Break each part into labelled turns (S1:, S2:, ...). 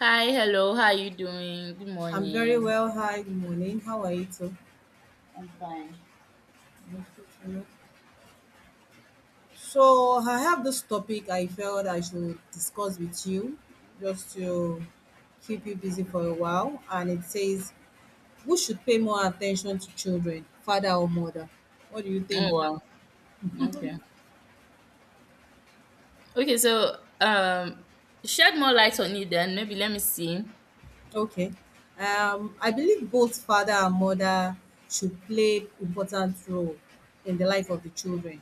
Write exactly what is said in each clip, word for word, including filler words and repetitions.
S1: Hi, hello, how are you doing? Good
S2: I'm very
S1: morning.
S2: well. Hi, good morning. How are you too?
S1: I'm fine.
S2: So I have this topic I felt I should discuss with you just to keep you busy for a while. And it says, who should pay more attention to children, father or mother? What do you
S1: Oh
S2: think?
S1: wow. Okay. Okay, so um shed more light on it then. Maybe let me see.
S2: Okay. Um, I believe both father and mother should play important role in the life of the children,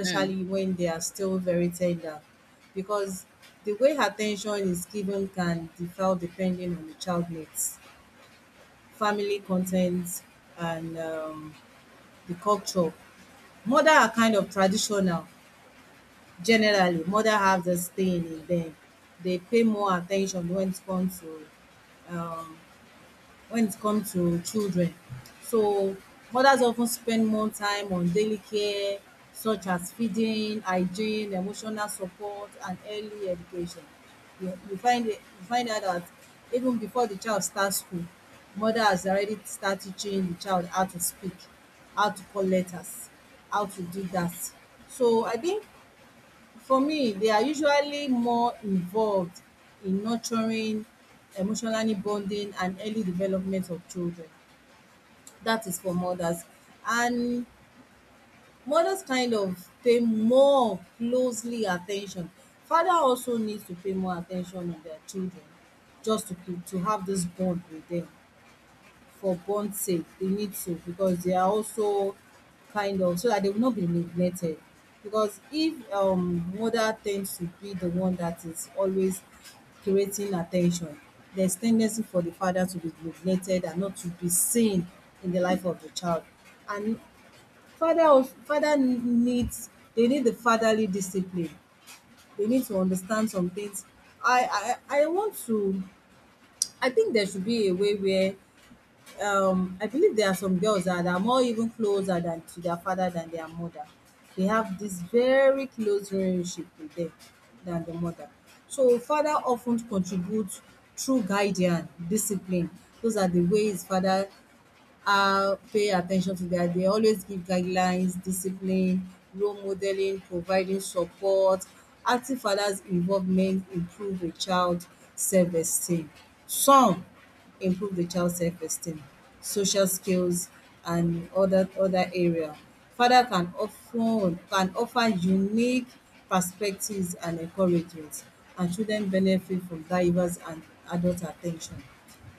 S1: Hmm.
S2: when they are still very tender, because the way attention is given can differ depending on the child needs, family content, and um, the culture. Mother are kind of traditional. Generally, mother have this thing in them. They pay more attention when it comes to um, when it comes to children. So mothers often spend more time on daily care such as feeding, hygiene, emotional support and early education. You you find it you find out that even before the child starts school, mother has already start teaching the child how to speak, how to call letters, how to do that. So I think for me, they are usually more involved in nurturing, emotionally bonding, and early development of children. That is for mothers. And mothers kind of pay more closely attention. Father also needs to pay more attention on their children just to, keep- to have this bond with them for bond's sake they need to because they are also kind of so that they will not be neglected because if um mother tends to be the one that is always creating attention, there's tendency for the father to be neglected and not to be seen in the life of the child, and father also father needs they need the fatherly discipline, they need to understand some things. I i i want to, I think there should be a way where um I believe there are some girls that are more even closer than to their father than their mother. They have this very close relationship with them than the mother. So father often contributes through guidance discipline. Those are the ways father uh, pay attention to that. They always give guidelines discipline, role modeling, providing support. Active fathers involvement improve the child self esteem, some improve the child self esteem, social skills, and other other area father can of can offer unique perspectives and encouragement, and children benefit from diverse and adult attention.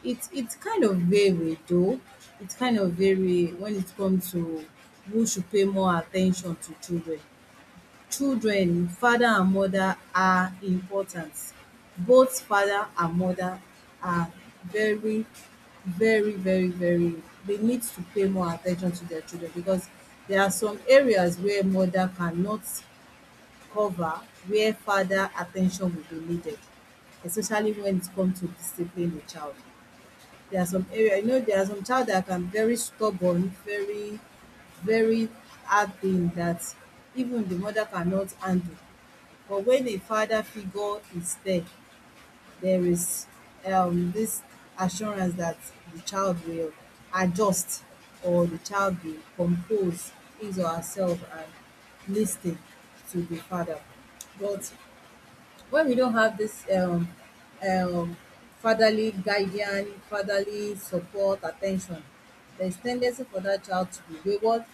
S2: It's it's kind of very though. It's kind of very when it comes to who should pay more attention to children. Children, father and mother are important. Both father and mother are very, very, very, very, they need to pay more attention to their children because there are some areas where mother cannot cover, where father attention will be needed, especially when it comes to discipline a child. There are some area, you know, there are some child that can very stubborn, very, very hard thing that even the mother cannot handle. But when a father figure is there, there is um this assurance that the child will adjust or the child will compose his or herself and lis ten to the father. But when we don't have this um, um, fatherly guardian, fatherly support, attention, there is tendency for that child to be wayward,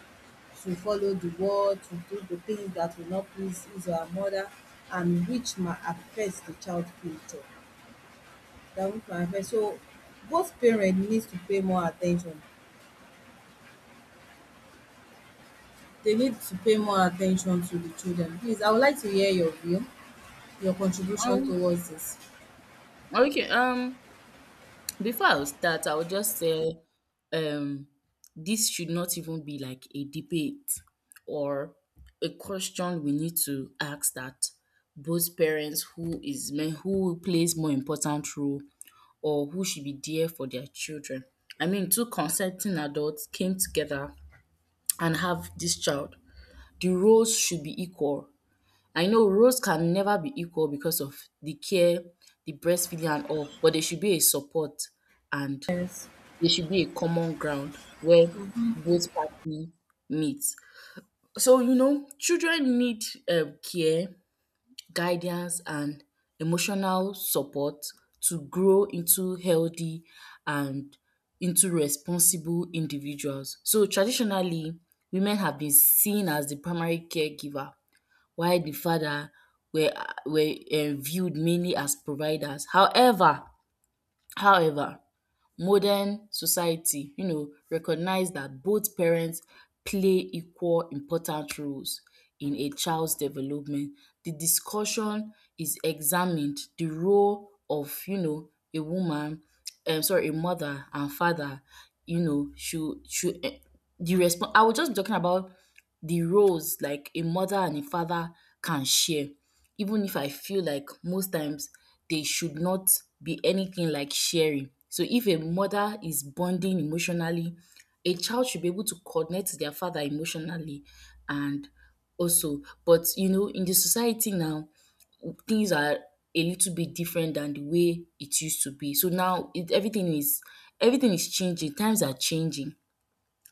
S2: to follow the world, to do the things that will not please his or her mother, and which might affect the child future. That will might affect. So both parents needs to pay more attention. They need to pay more attention to the children. Please, I would like to hear your view, your contribution
S1: Um,
S2: towards this.
S1: okay. Um before I start, I would just say um this should not even be like a debate or a question we need to ask that both parents who is men who plays more important role or who should be there for their children. I mean, two consenting adults came together and have this child. The roles should be equal. I know roles can never be equal because of the care, the breastfeeding and all, but there should be a support and there should be a common ground where both party meet. So, you know, children need um care, guidance and emotional support to grow into healthy and into responsible individuals. So traditionally, women have been seen as the primary caregiver while the father were were um viewed mainly as providers. However, however modern society, you know, recognize that both parents play equal important roles in a child's development. The discussion is examined the role of, you know, a woman, um sorry, a mother and father, you know, should should um the response. I will just be talking about the roles like a mother and a father can share, even if I feel like most times they should not be anything like sharing. So if a mother is bonding emotionally, a child should be able to connect to their father emotionally and also, but you know, in the society now things are a little bit different than the way it used to be, so now it, everything is everything is changing, times are changing,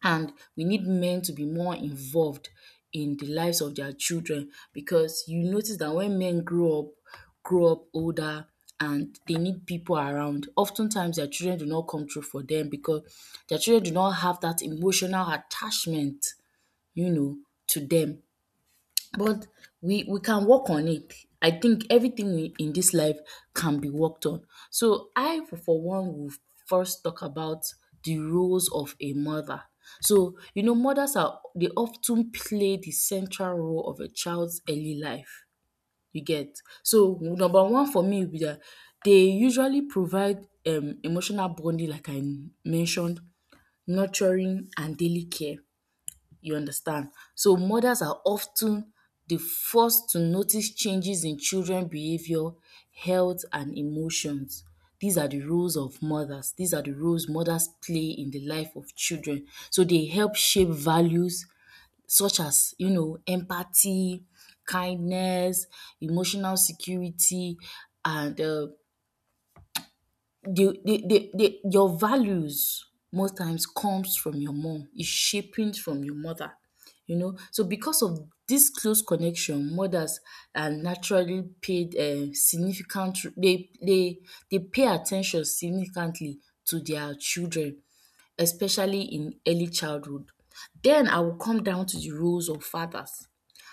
S1: and we need men to be more involved in the lives of their children because you notice that when men grow up, grow up older and they need people around, oftentimes their children do not come through for them because their children do not have that emotional attachment, you know, to them. But we we can work on it. I think everything we, in this life, can be worked on. So I, for for one, will first talk about the roles of a mother. So you know, mothers are they often play the central role of a child's early life. You get. So number one for me will be that they usually provide um emotional bonding, like I mentioned, nurturing and daily care. You understand? So mothers are often the first to notice changes in children behavior, health and emotions. These are the roles of mothers. These are the roles mothers play in the life of children. So they help shape values such as, you know, empathy, kindness, emotional security and um the, the, the, the your values most times comes from your mom, is shaping from your mother, you know, so because of this close connection, mothers are naturally paid um significant they they they pay attention significantly to their children, especially in early childhood. Then I will come down to the roles of fathers.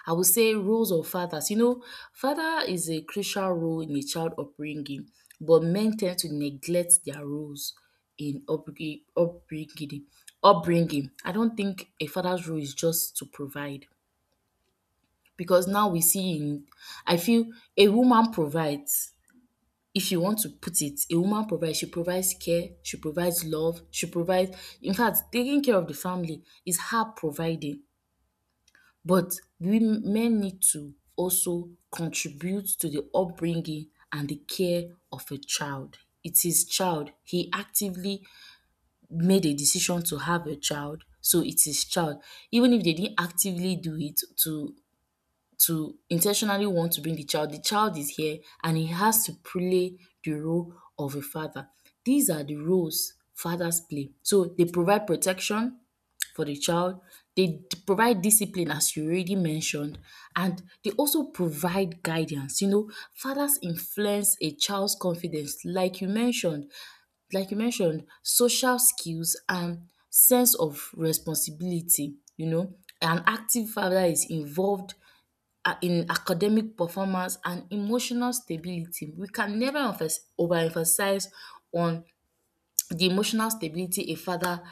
S1: I will say roles of fathers. You know, father is a crucial role in a child upbringing, but men tend to neglect their roles in upbringing. upbringing. upbringing. I don't think a father's role is just to provide because now we see in, I feel a woman provides, if you want to put it, a woman provides. She provides care, she provides love, she provides. In fact, taking care of the family is her providing. But we men need to also contribute to the upbringing and the care of a child. It's his child. He actively made a decision to have a child. So it's his child. Even if they didn't actively do it to to intentionally want to bring the child. The child is here and he has to play the role of a father. These are the roles fathers play. So they provide protection for the child, they d- provide discipline as you already mentioned, and they also provide guidance. You know, fathers influence a child's confidence, like you mentioned, like you mentioned, social skills and sense of responsibility. You know, an active father is involved uh, in academic performance and emotional stability. We can never emphas- overemphasize on the emotional stability a father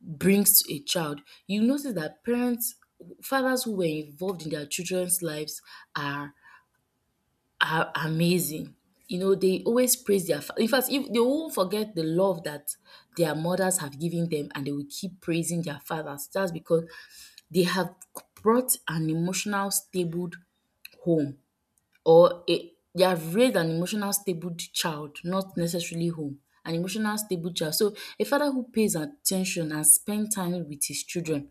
S1: brings to a child. You notice that parents, fathers who were involved in their children's lives are are amazing. You know, they always praise their. Fa- In fact, if they won't forget the love that their mothers have given them, and they will keep praising their fathers. That's because they have brought an emotional, stable home, or a they have raised an emotional stable child, not necessarily home. An emotional stable child. So a father who pays attention and spend time with his children,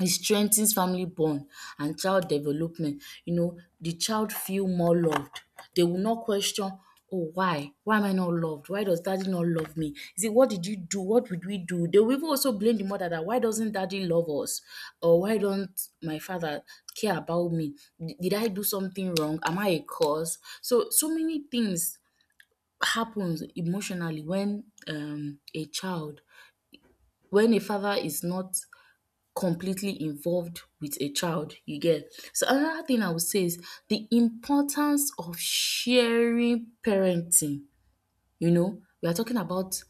S1: it strengthens family bond and child development. You know, the child feel more loved. They will not question, oh, why? Why am I not loved? Why does daddy not love me? Is it, what did you do? What did we do? They will even also blame the mother that, why doesn't daddy love us? Or why don't my father care about me? D- Did I do something wrong? Am I a cause? So, so many things happens emotionally when um, a child, when a father is not completely involved with a child, you get. So another thing I would say is the importance of sharing parenting. You know, we are talking about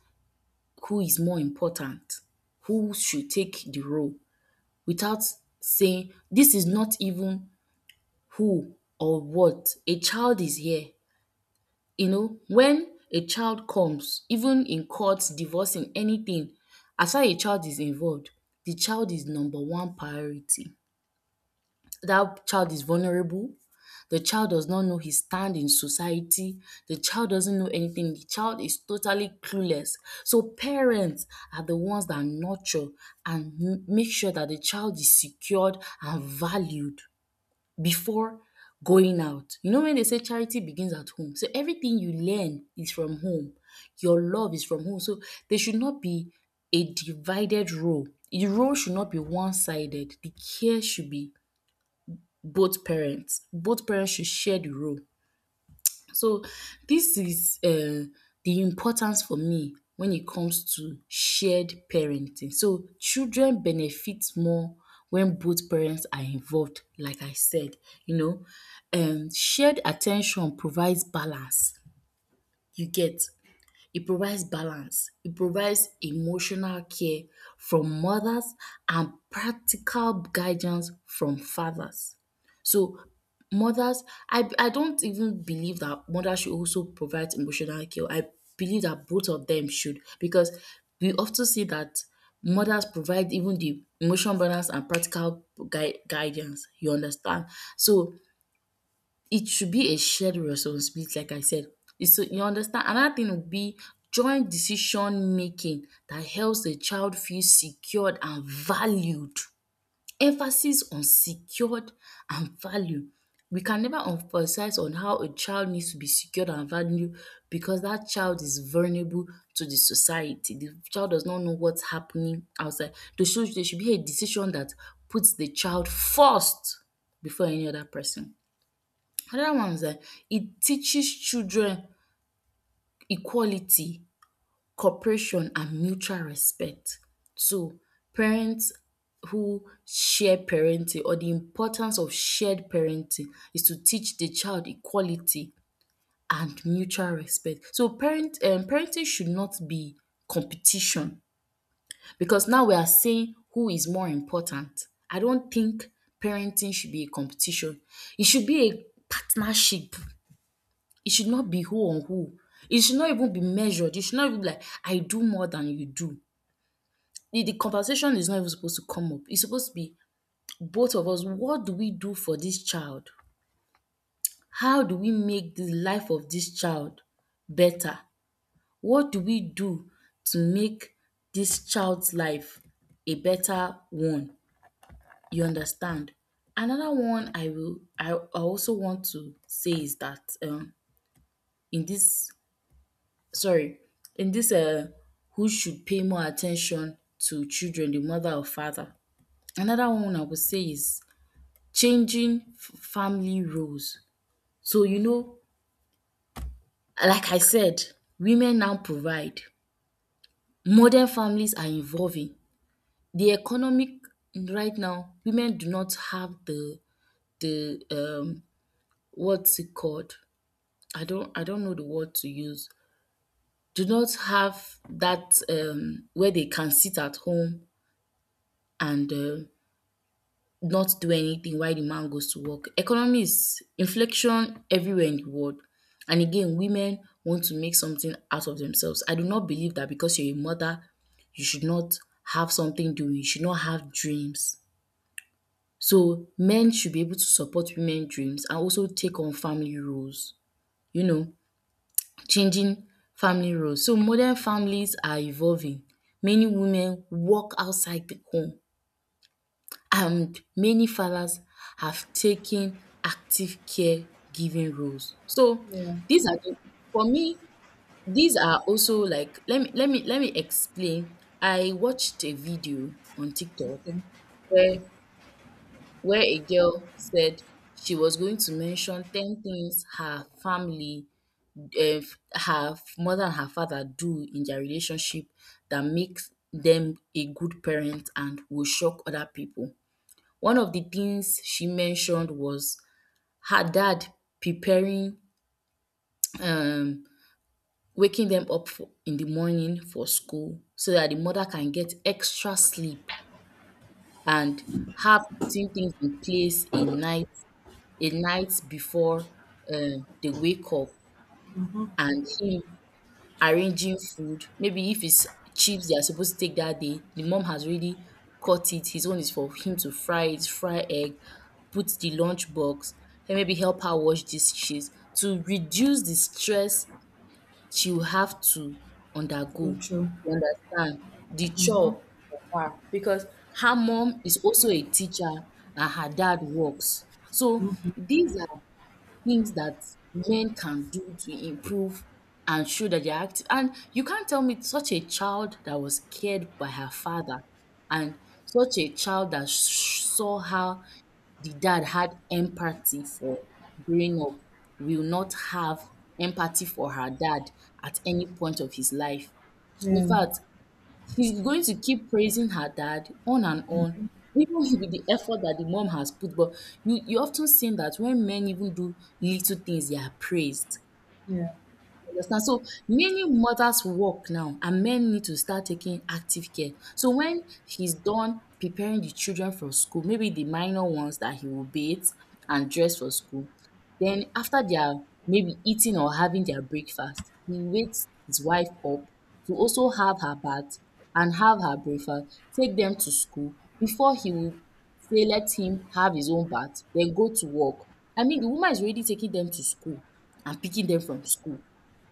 S1: who is more important, who should take the role, without saying, this is not even who or what. A child is here. You know, when a child comes, even in courts, divorcing anything, as far as a child is involved, the child is number one priority. That child is vulnerable. The child does not know his stand in society. The child doesn't know anything. The child is totally clueless. So, parents are the ones that nurture and m- make sure that the child is secured and valued before going out. You know, when they say charity begins at home, so everything you learn is from home, your love is from home. So, there should not be a divided role. The role should not be one sided, the care should be both parents. Both parents should share the role. So this is um the importance for me when it comes to shared parenting. So children benefit more when both parents are involved, like I said, you know. um Shared attention provides balance, you get. It provides balance, it provides emotional care from mothers and practical guidance from fathers. So, mothers, I, I don't even believe that mothers should also provide emotional care. I believe that both of them should because we often see that mothers provide even the emotional balance and practical gui- guidance. You understand? So, it should be a shared responsibility, like I said. It's, so you understand? Another thing would be joint decision making that helps the child feel secured and valued. Emphasis on secured and value. We can never emphasize on how a child needs to be secured and valued because that child is vulnerable to the society. The child does not know what's happening outside. There should, there should be a decision that puts the child first before any other person. Another one is that it teaches children equality, cooperation, and mutual respect. So parents who share parenting, or the importance of shared parenting, is to teach the child equality and mutual respect. So parent um, parenting should not be competition because now we are saying who is more important. I don't think parenting should be a competition. It should be a partnership. It should not be who on who. It should not even be measured. It should not even be like, I do more than you do. The, the conversation is not even supposed to come up. It's supposed to be both of us. What do we do for this child? How do we make the life of this child better? What do we do to make this child's life a better one? You understand? Another one I will, I I also want to say is that um in this, sorry, in this uh, who should pay more attention to children, the mother or father. Another one I would say is changing f- family roles. So, you know, like I said, women now provide. Modern families are evolving. The economic right now, women do not have the the um what's it called? I don't I don't know the word to use. Do not have that um where they can sit at home and uh, not do anything while the man goes to work. Economy is inflection everywhere in the world. And again, women want to make something out of themselves. I do not believe that because you're a mother, you should not have something doing, you should not have dreams. So men should be able to support women dreams and also take on family roles, you know, changing family roles. So modern families are evolving. Many women work outside the home and many fathers have taken active caregiving roles. So
S2: Yeah.
S1: these are the, for me, these are also like let me let me let me explain. I watched a video on TikTok
S2: Okay.
S1: where where a girl said she was going to mention ten things her family, uh, her mother and her father do in their relationship that makes them a good parent and will shock other people. One of the things she mentioned was her dad preparing, um, waking them up for, in the morning for school so that the mother can get extra sleep, and her putting things in place a night a night before um, they wake up, and him arranging food. Maybe if it's chips they are supposed to take that day, the mom has already cut it. His own is for him to fry it, fry egg, put the lunch box, and maybe help her wash these dishes to reduce the stress she will have to undergo.
S2: Good show.
S1: You understand? The
S2: Mm-hmm.
S1: chore for her, because her mom is also a teacher and her dad works. So these are things that men can do to improve and show that they're active. And you can't tell me such a child that was cared by her father, and such a child that sh- saw how the dad had empathy for growing up, will not have empathy for her dad at any point of his life. In
S2: Yeah,
S1: fact, she's going to keep praising her dad on and on, even with the effort that the mom has put. But you you often seen that when men even do little things, they are praised.
S2: yeah,
S1: You understand? So many mothers work now, and men need to start taking active care. So when he's done preparing the children for school, maybe the minor ones that he will bathe and dress for school, then after they are maybe eating or having their breakfast, he wakes his wife up to also have her bath and have her breakfast, take them to school before he will say let him have his own bath, then go to work. I mean, the woman is already taking them to school and picking them from school.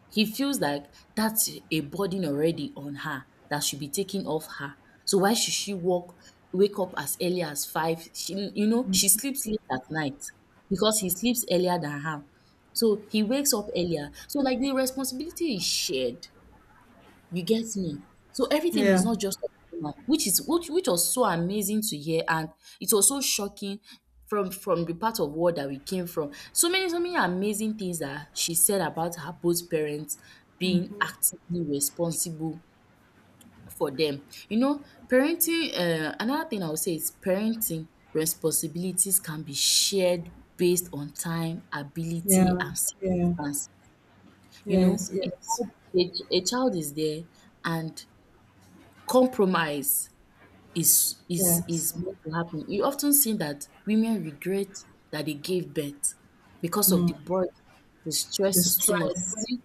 S1: He feels like that's a burden already on her that should be taken off her. So why should she walk, wake up as early as five? She, you know, she sleeps late at night because he sleeps earlier than her. So he wakes up earlier. So like the responsibility is shared. You get me? So everything
S2: yeah,
S1: is not just human, which is which which was so amazing to hear, and it was so shocking from from the part of world that we came from. So many, so many amazing things that she said about her both parents being actively responsible for them. You know, parenting, uh, another thing I would say is parenting responsibilities can be shared based on time, ability
S2: yeah,
S1: and
S2: yeah,
S1: circumstance. You know,
S2: yes,
S1: a
S2: yes,
S1: child, a, a child is there, and compromise is is
S2: yes.
S1: is meant to happen. You often see that women regret that they gave birth because of
S2: Mm.
S1: the burden, the
S2: The
S1: stress is too much.
S2: stress,
S1: Nobody—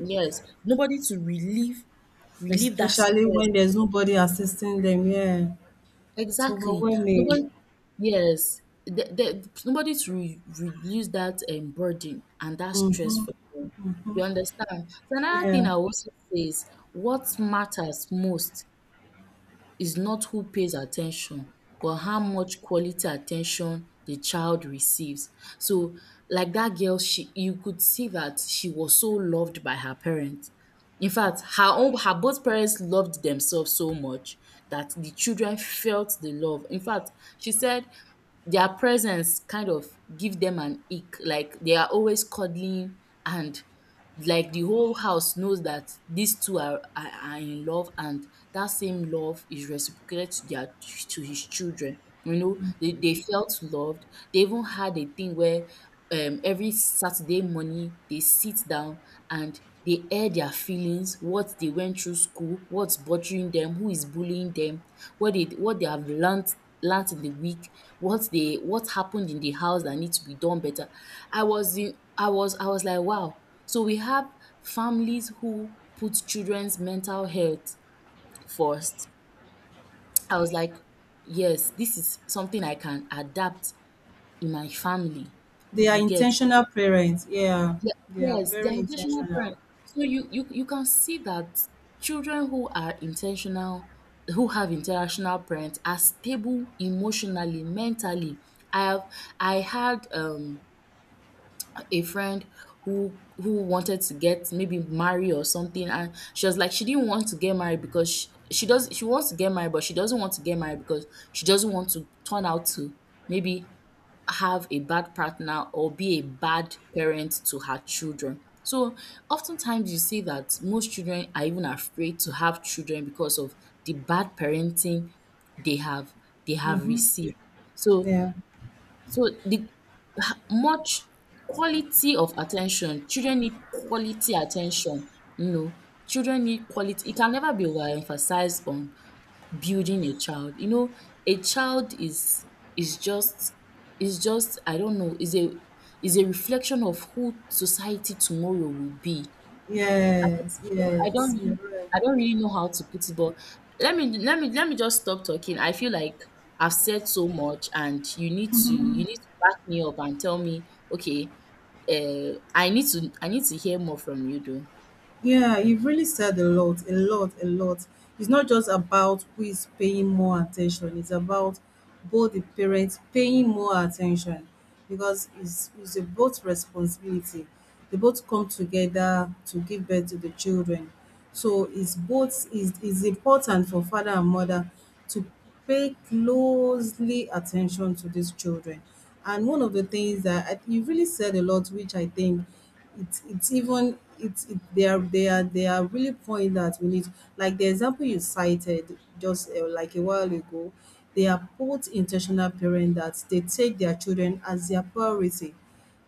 S1: yes, nobody to relieve relieve that
S2: especially
S1: stress.
S2: when there's nobody assisting them, yeah, it's
S1: Exactly.
S2: overwhelming.
S1: Nobody, yes, the, the, nobody to re- reduce that um, burden and that stress
S2: Mm-hmm.
S1: for them. You understand? So another thing
S2: Yeah,
S1: I also say is what matters most is not who pays attention, but how much quality attention the child receives. So, like that girl, she you could see that she was so loved by her parents. In fact, her own her both parents loved themselves so much that the children felt the love. In fact, she said their presence kind of give them an ick, like they are always cuddling, and like the whole house knows that these two are, are are in love, and that same love is reciprocated to their to his children. You know, they, they felt loved. They even had a thing where, um, every Saturday morning, they sit down and they air their feelings, what they went through school, what's bothering them, who is bullying them, what they what they have learned, learned in the week, what they what happened in the house that needs to be done better. I was in I was I was like, wow, so we have families who put children's mental health first. I was like, yes, this is something I can adapt in my family.
S2: they are
S1: You get?
S2: intentional parents. Yeah,
S1: Yeah,
S2: they are
S1: yes, they're
S2: very
S1: intentional
S2: intentional.
S1: parents. So you, you you can see that children who are intentional, who have international parents, are stable emotionally, mentally. I have I had, um, a friend who who wanted to get maybe marry or something, and she was like she didn't want to get married because she, she does she wants to get married, but she doesn't want to get married because she doesn't want to turn out to maybe have a bad partner or be a bad parent to her children. So oftentimes you see that most children are even afraid to have children because of the bad parenting they have they have
S2: Mm-hmm.
S1: received. So,
S2: Yeah,
S1: so the much quality of attention. Children need quality attention. You know, children need quality. It can never be overemphasized on building a child. You know, a child is is just is just, I don't know, is a is a reflection of who society tomorrow will be.
S2: yes,
S1: I don't
S2: yes, you're
S1: really,
S2: right.
S1: I don't really know how to put it, but let me let me let me just stop talking. I feel like I've said so much, and you need to you need to back me up and tell me, okay, uh, I need to I need to hear more from you, though.
S2: Yeah, you've really said a lot, a lot, a lot. It's not just about who is paying more attention, it's about both the parents paying more attention because it's, it's a both responsibility. They both come together to give birth to the children. So it's both is is important for father and mother to pay closely attention to these children. And one of the things that I, you really said a lot, which I think it's it's even it's it, they are they are they are really pointing that we need, like the example you cited just uh, like a while ago, they are both intentional parents that they take their children as their priority.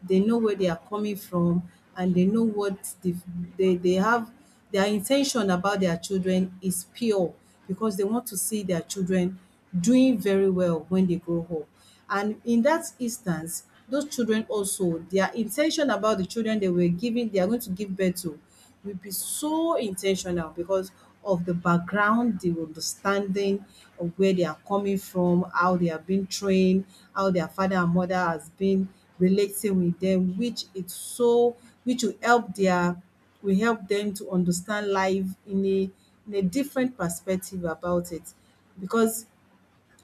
S2: They know where they are coming from and they know what the, they, they have their intention about their children is pure, because they want to see their children doing very well when they grow up. And in that instance, those children also, their intention about the children they were giving, they are going to give birth to, will be so intentional because of the background, the understanding of where they are coming from, how they have been trained, how their father and mother has been relating with them, which it's so which will help their, will help them to understand life in a in a different perspective about it. Because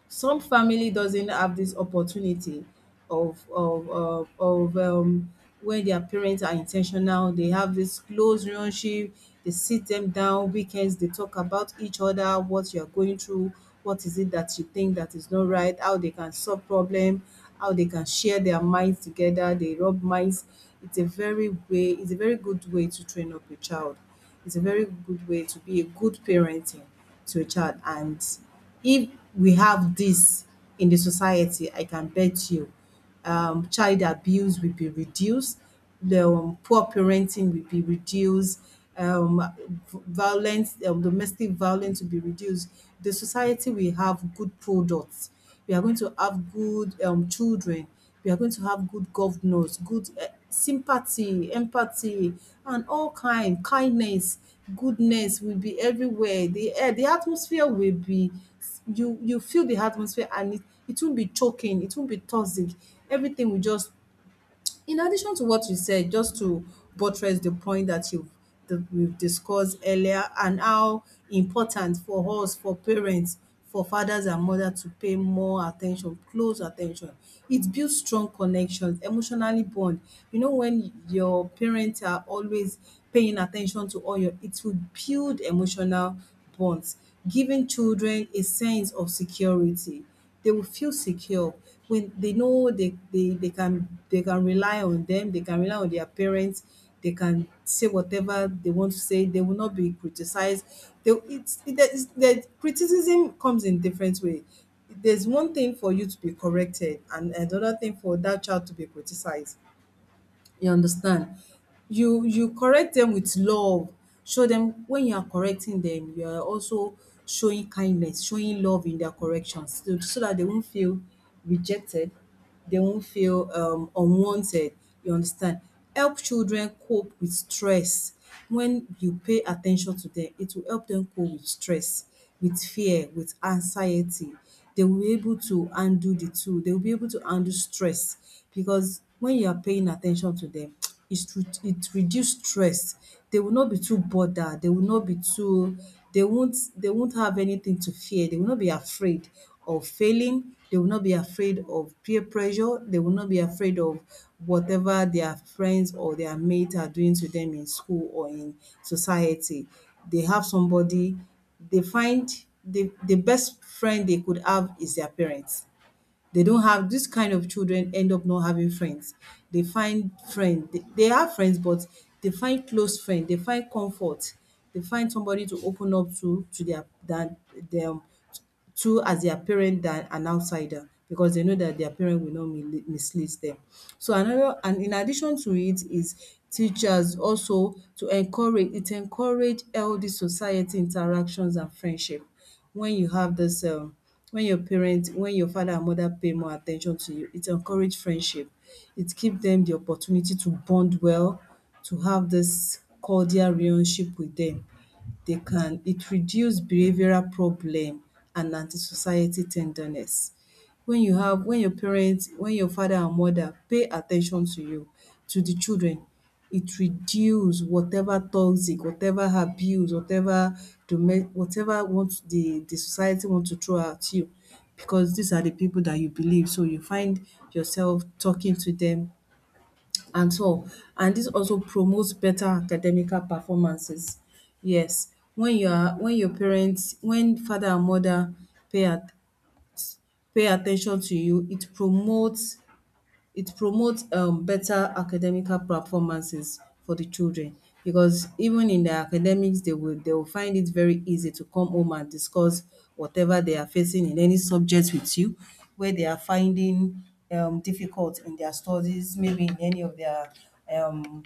S2: some family doesn't have this opportunity of of of of um when their parents are intentional, they have this close relationship, they sit them down weekends, they talk about each other, what you're going through, what is it that you think that is not right, how they can solve problem, how they can share their minds together, they rub minds. It's a very way it's a very good way to train up a child, it's a very good way to be a good parenting to a child. And if we have this in the society, I can bet you, um, child abuse will be reduced, the um, poor parenting will be reduced, um, v- violence, um, domestic violence will be reduced. The society will have good products. We are going to have good um, children, we are going to have good governors, good uh, sympathy, empathy, and all kind kindness, goodness will be everywhere. The air, the atmosphere will be, you you feel the atmosphere and it, it won't be choking, it won't be toxic. Everything will just, in addition to what you said, just to buttress the point that you've that we've discussed earlier and how important for us, for parents, for fathers and mothers to pay more attention, close attention. It builds strong connections, emotionally bond. You know, when your parents are always paying attention to all your, it will build emotional bonds, giving children a sense of security. They will feel secure when they know they, they, they can they can rely on them, they can rely on their parents, they can say whatever they want to say, they will not be criticized. They, it's, it, there is- the criticism comes in different way. There's one thing for you to be corrected and another thing for that child to be criticized. You understand? You you correct them with love. Show them when you are correcting them, you are also showing kindness, showing love in their corrections so so dat they won't feel rejected, they won't feel um unwanted, you understand? Help children cope with stress. When you pay attention to them, it will help them cope with stress, with fear, with anxiety. They will be able to handle the two. They will be able to handle stress because when you are paying attention to them, it's re- it reduce stress. They will not be too bothered. They will not be too. They won't. They won't have anything to fear. They will not be afraid of failing. They will not be afraid of peer pressure. They will not be afraid of whatever their friends or their mates are doing to them in school or in society. They have somebody they find the the best friend they could have is their parents. They don't have this kind of children end up not having friends. They find friend, they, they have friends but they find close friend, they find comfort, they find somebody to open up to to their that them to as their parent than an outsider because they know that their parent will not mili mislead them. So another and in addition to it is teachers also to encourage it encourage healthy society interactions and friendship. When you have this um when your parents, when your father and mother pay more attention to you, it encourage friendship. It give them the opportunity to bond well, to have this cordial relationship with them. They can, it reduce behavioral problem and anti-society tenderness. When you have when your parents, when your father and mother pay attention to you, to the children, it reduce whatever toxic, whatever abuse, whatever dome whatever want the the society want to throw at you because these are the people that you believe, so you find yourself talking to them. And so and this also promotes better academical performances. Yes, when you are when your parents when father and mother pay at pay attention to you, it promotes it promotes um better academical performances for the children, because even in their academics they will they will find it very easy to come home and discuss whatever they are facing in any subject with you, where they are finding um difficult in their studies, maybe in any of their um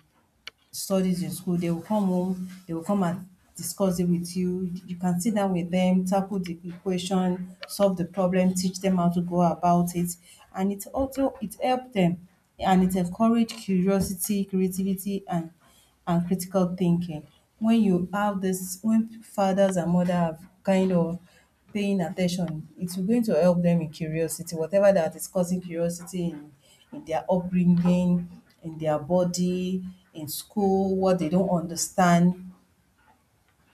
S2: studies in school. They will come home, they will come and discuss it with you. You can sit down with them, tackle the equation, solve the problem, teach them how to go about it. And it also it helped them, and it encouraged curiosity, creativity and and critical thinking. When you have this when fathers and mother are kind of paying attention, it's going to help them in curiosity, whatever that is causing curiosity in in their upbringing, in their body, in school, what they don't understand.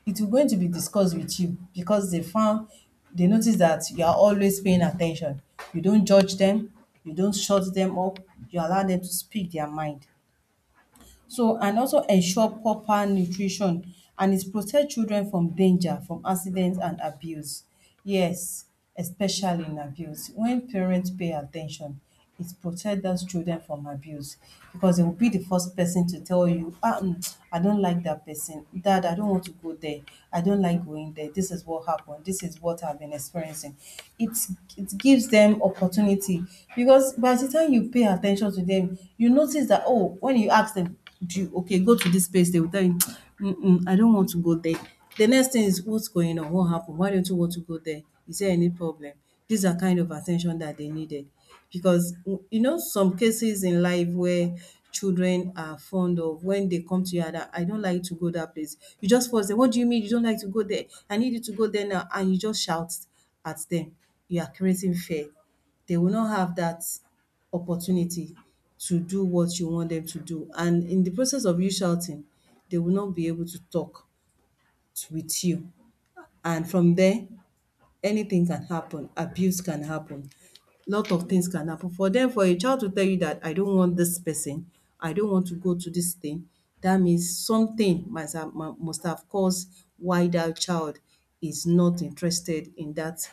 S2: It is going to be discussed with you because they found, they notice that you are always paying attention. You don't judge them, you don't shut them up, you allow them to speak their mind. So, and also ensure proper nutrition, and it protect children from danger, from accidents and abuse. Yes, especially in abuse. When parents pay attention, ten it protect those children from abuse, because they will be the first person to tell you, ah, um I don't like that person. Dad, I don't want to go there, I don't like going there, this is what happened. This is what I've been experiencing. It it gives them opportunity, because by the time you pay attention to them, you notice that, oh, when you ask them, do you okay go to this place, they will tell you, mm-mm, I don't want to go there. The next thing is, what's going on, what happened, why don't you want to go there, is there any problem? These are kind of attention that they needed, because w- you know some cases in life where children are fond of, when they come to you and I don't like to go that place, you just force them, what do you mean you don't like to go there, I need you to go there now, and you just shout at them. You are creating fear. They will not have that opportunity to do what you want them to do. And in the process of you shouting, they will not be able to talk to, with you. And from there, anything can happen. Abuse can happen. Lot of things can happen. For them, for a child to tell you that I don't want this person, I don't want to go to this thing, that means something must have mu- must have caused why that child is not interested in that,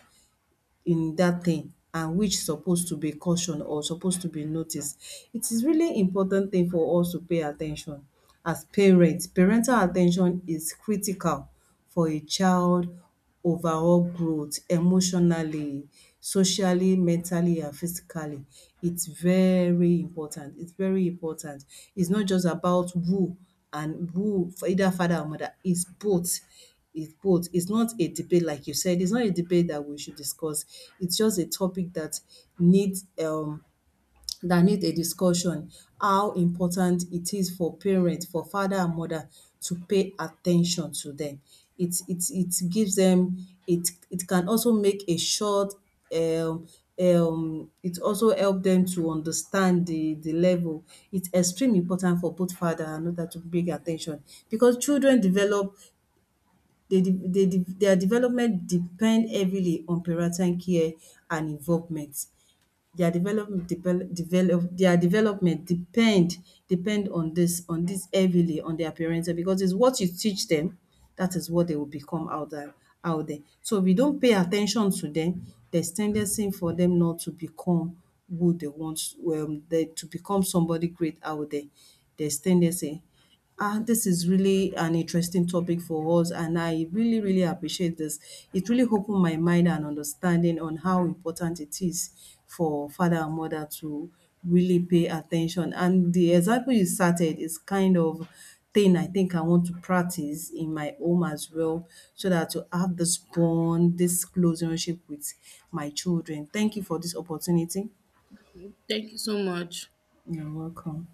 S2: in that thing, and which supposed to be caution or supposed to be noticed. It is really important thing for us to pay attention as parents. Parental attention is critical for a child overall growth emotionally, socially, mentally and physically. It's very important, it's very important. It's not just about who and who, for either father or mother, it's both. It's both. It's not a debate like you said. It's not a debate that we should discuss. It's just a topic that needs um that needs a discussion. How important it is for parents, for father and mother to pay attention to them. It it it gives them, it it can also make a short um um it also help them to understand the the level. It's extremely important for both father and mother to pay attention, because children develop, they de they de their development depend heavily on parental care and involvement. Their development develop develop their development depend depend on this on this heavily on their parental, because it's what you teach them, that is what they will become out there out there. So, if you don't pay attention to them, there's tendency for them not to become who they want, um they, to become somebody great out there. There's tendency. Ah, this is really an interesting topic for us, and I really, really appreciate this. It really opened my mind and understanding on how important it is for father and mother to really pay attention. And the example you started is kind of thing I think I want to practice in my home as well, so that to have this bond, this close relationship with my children. Thank you for this opportunity.
S1: Thank you so much.
S2: You're welcome.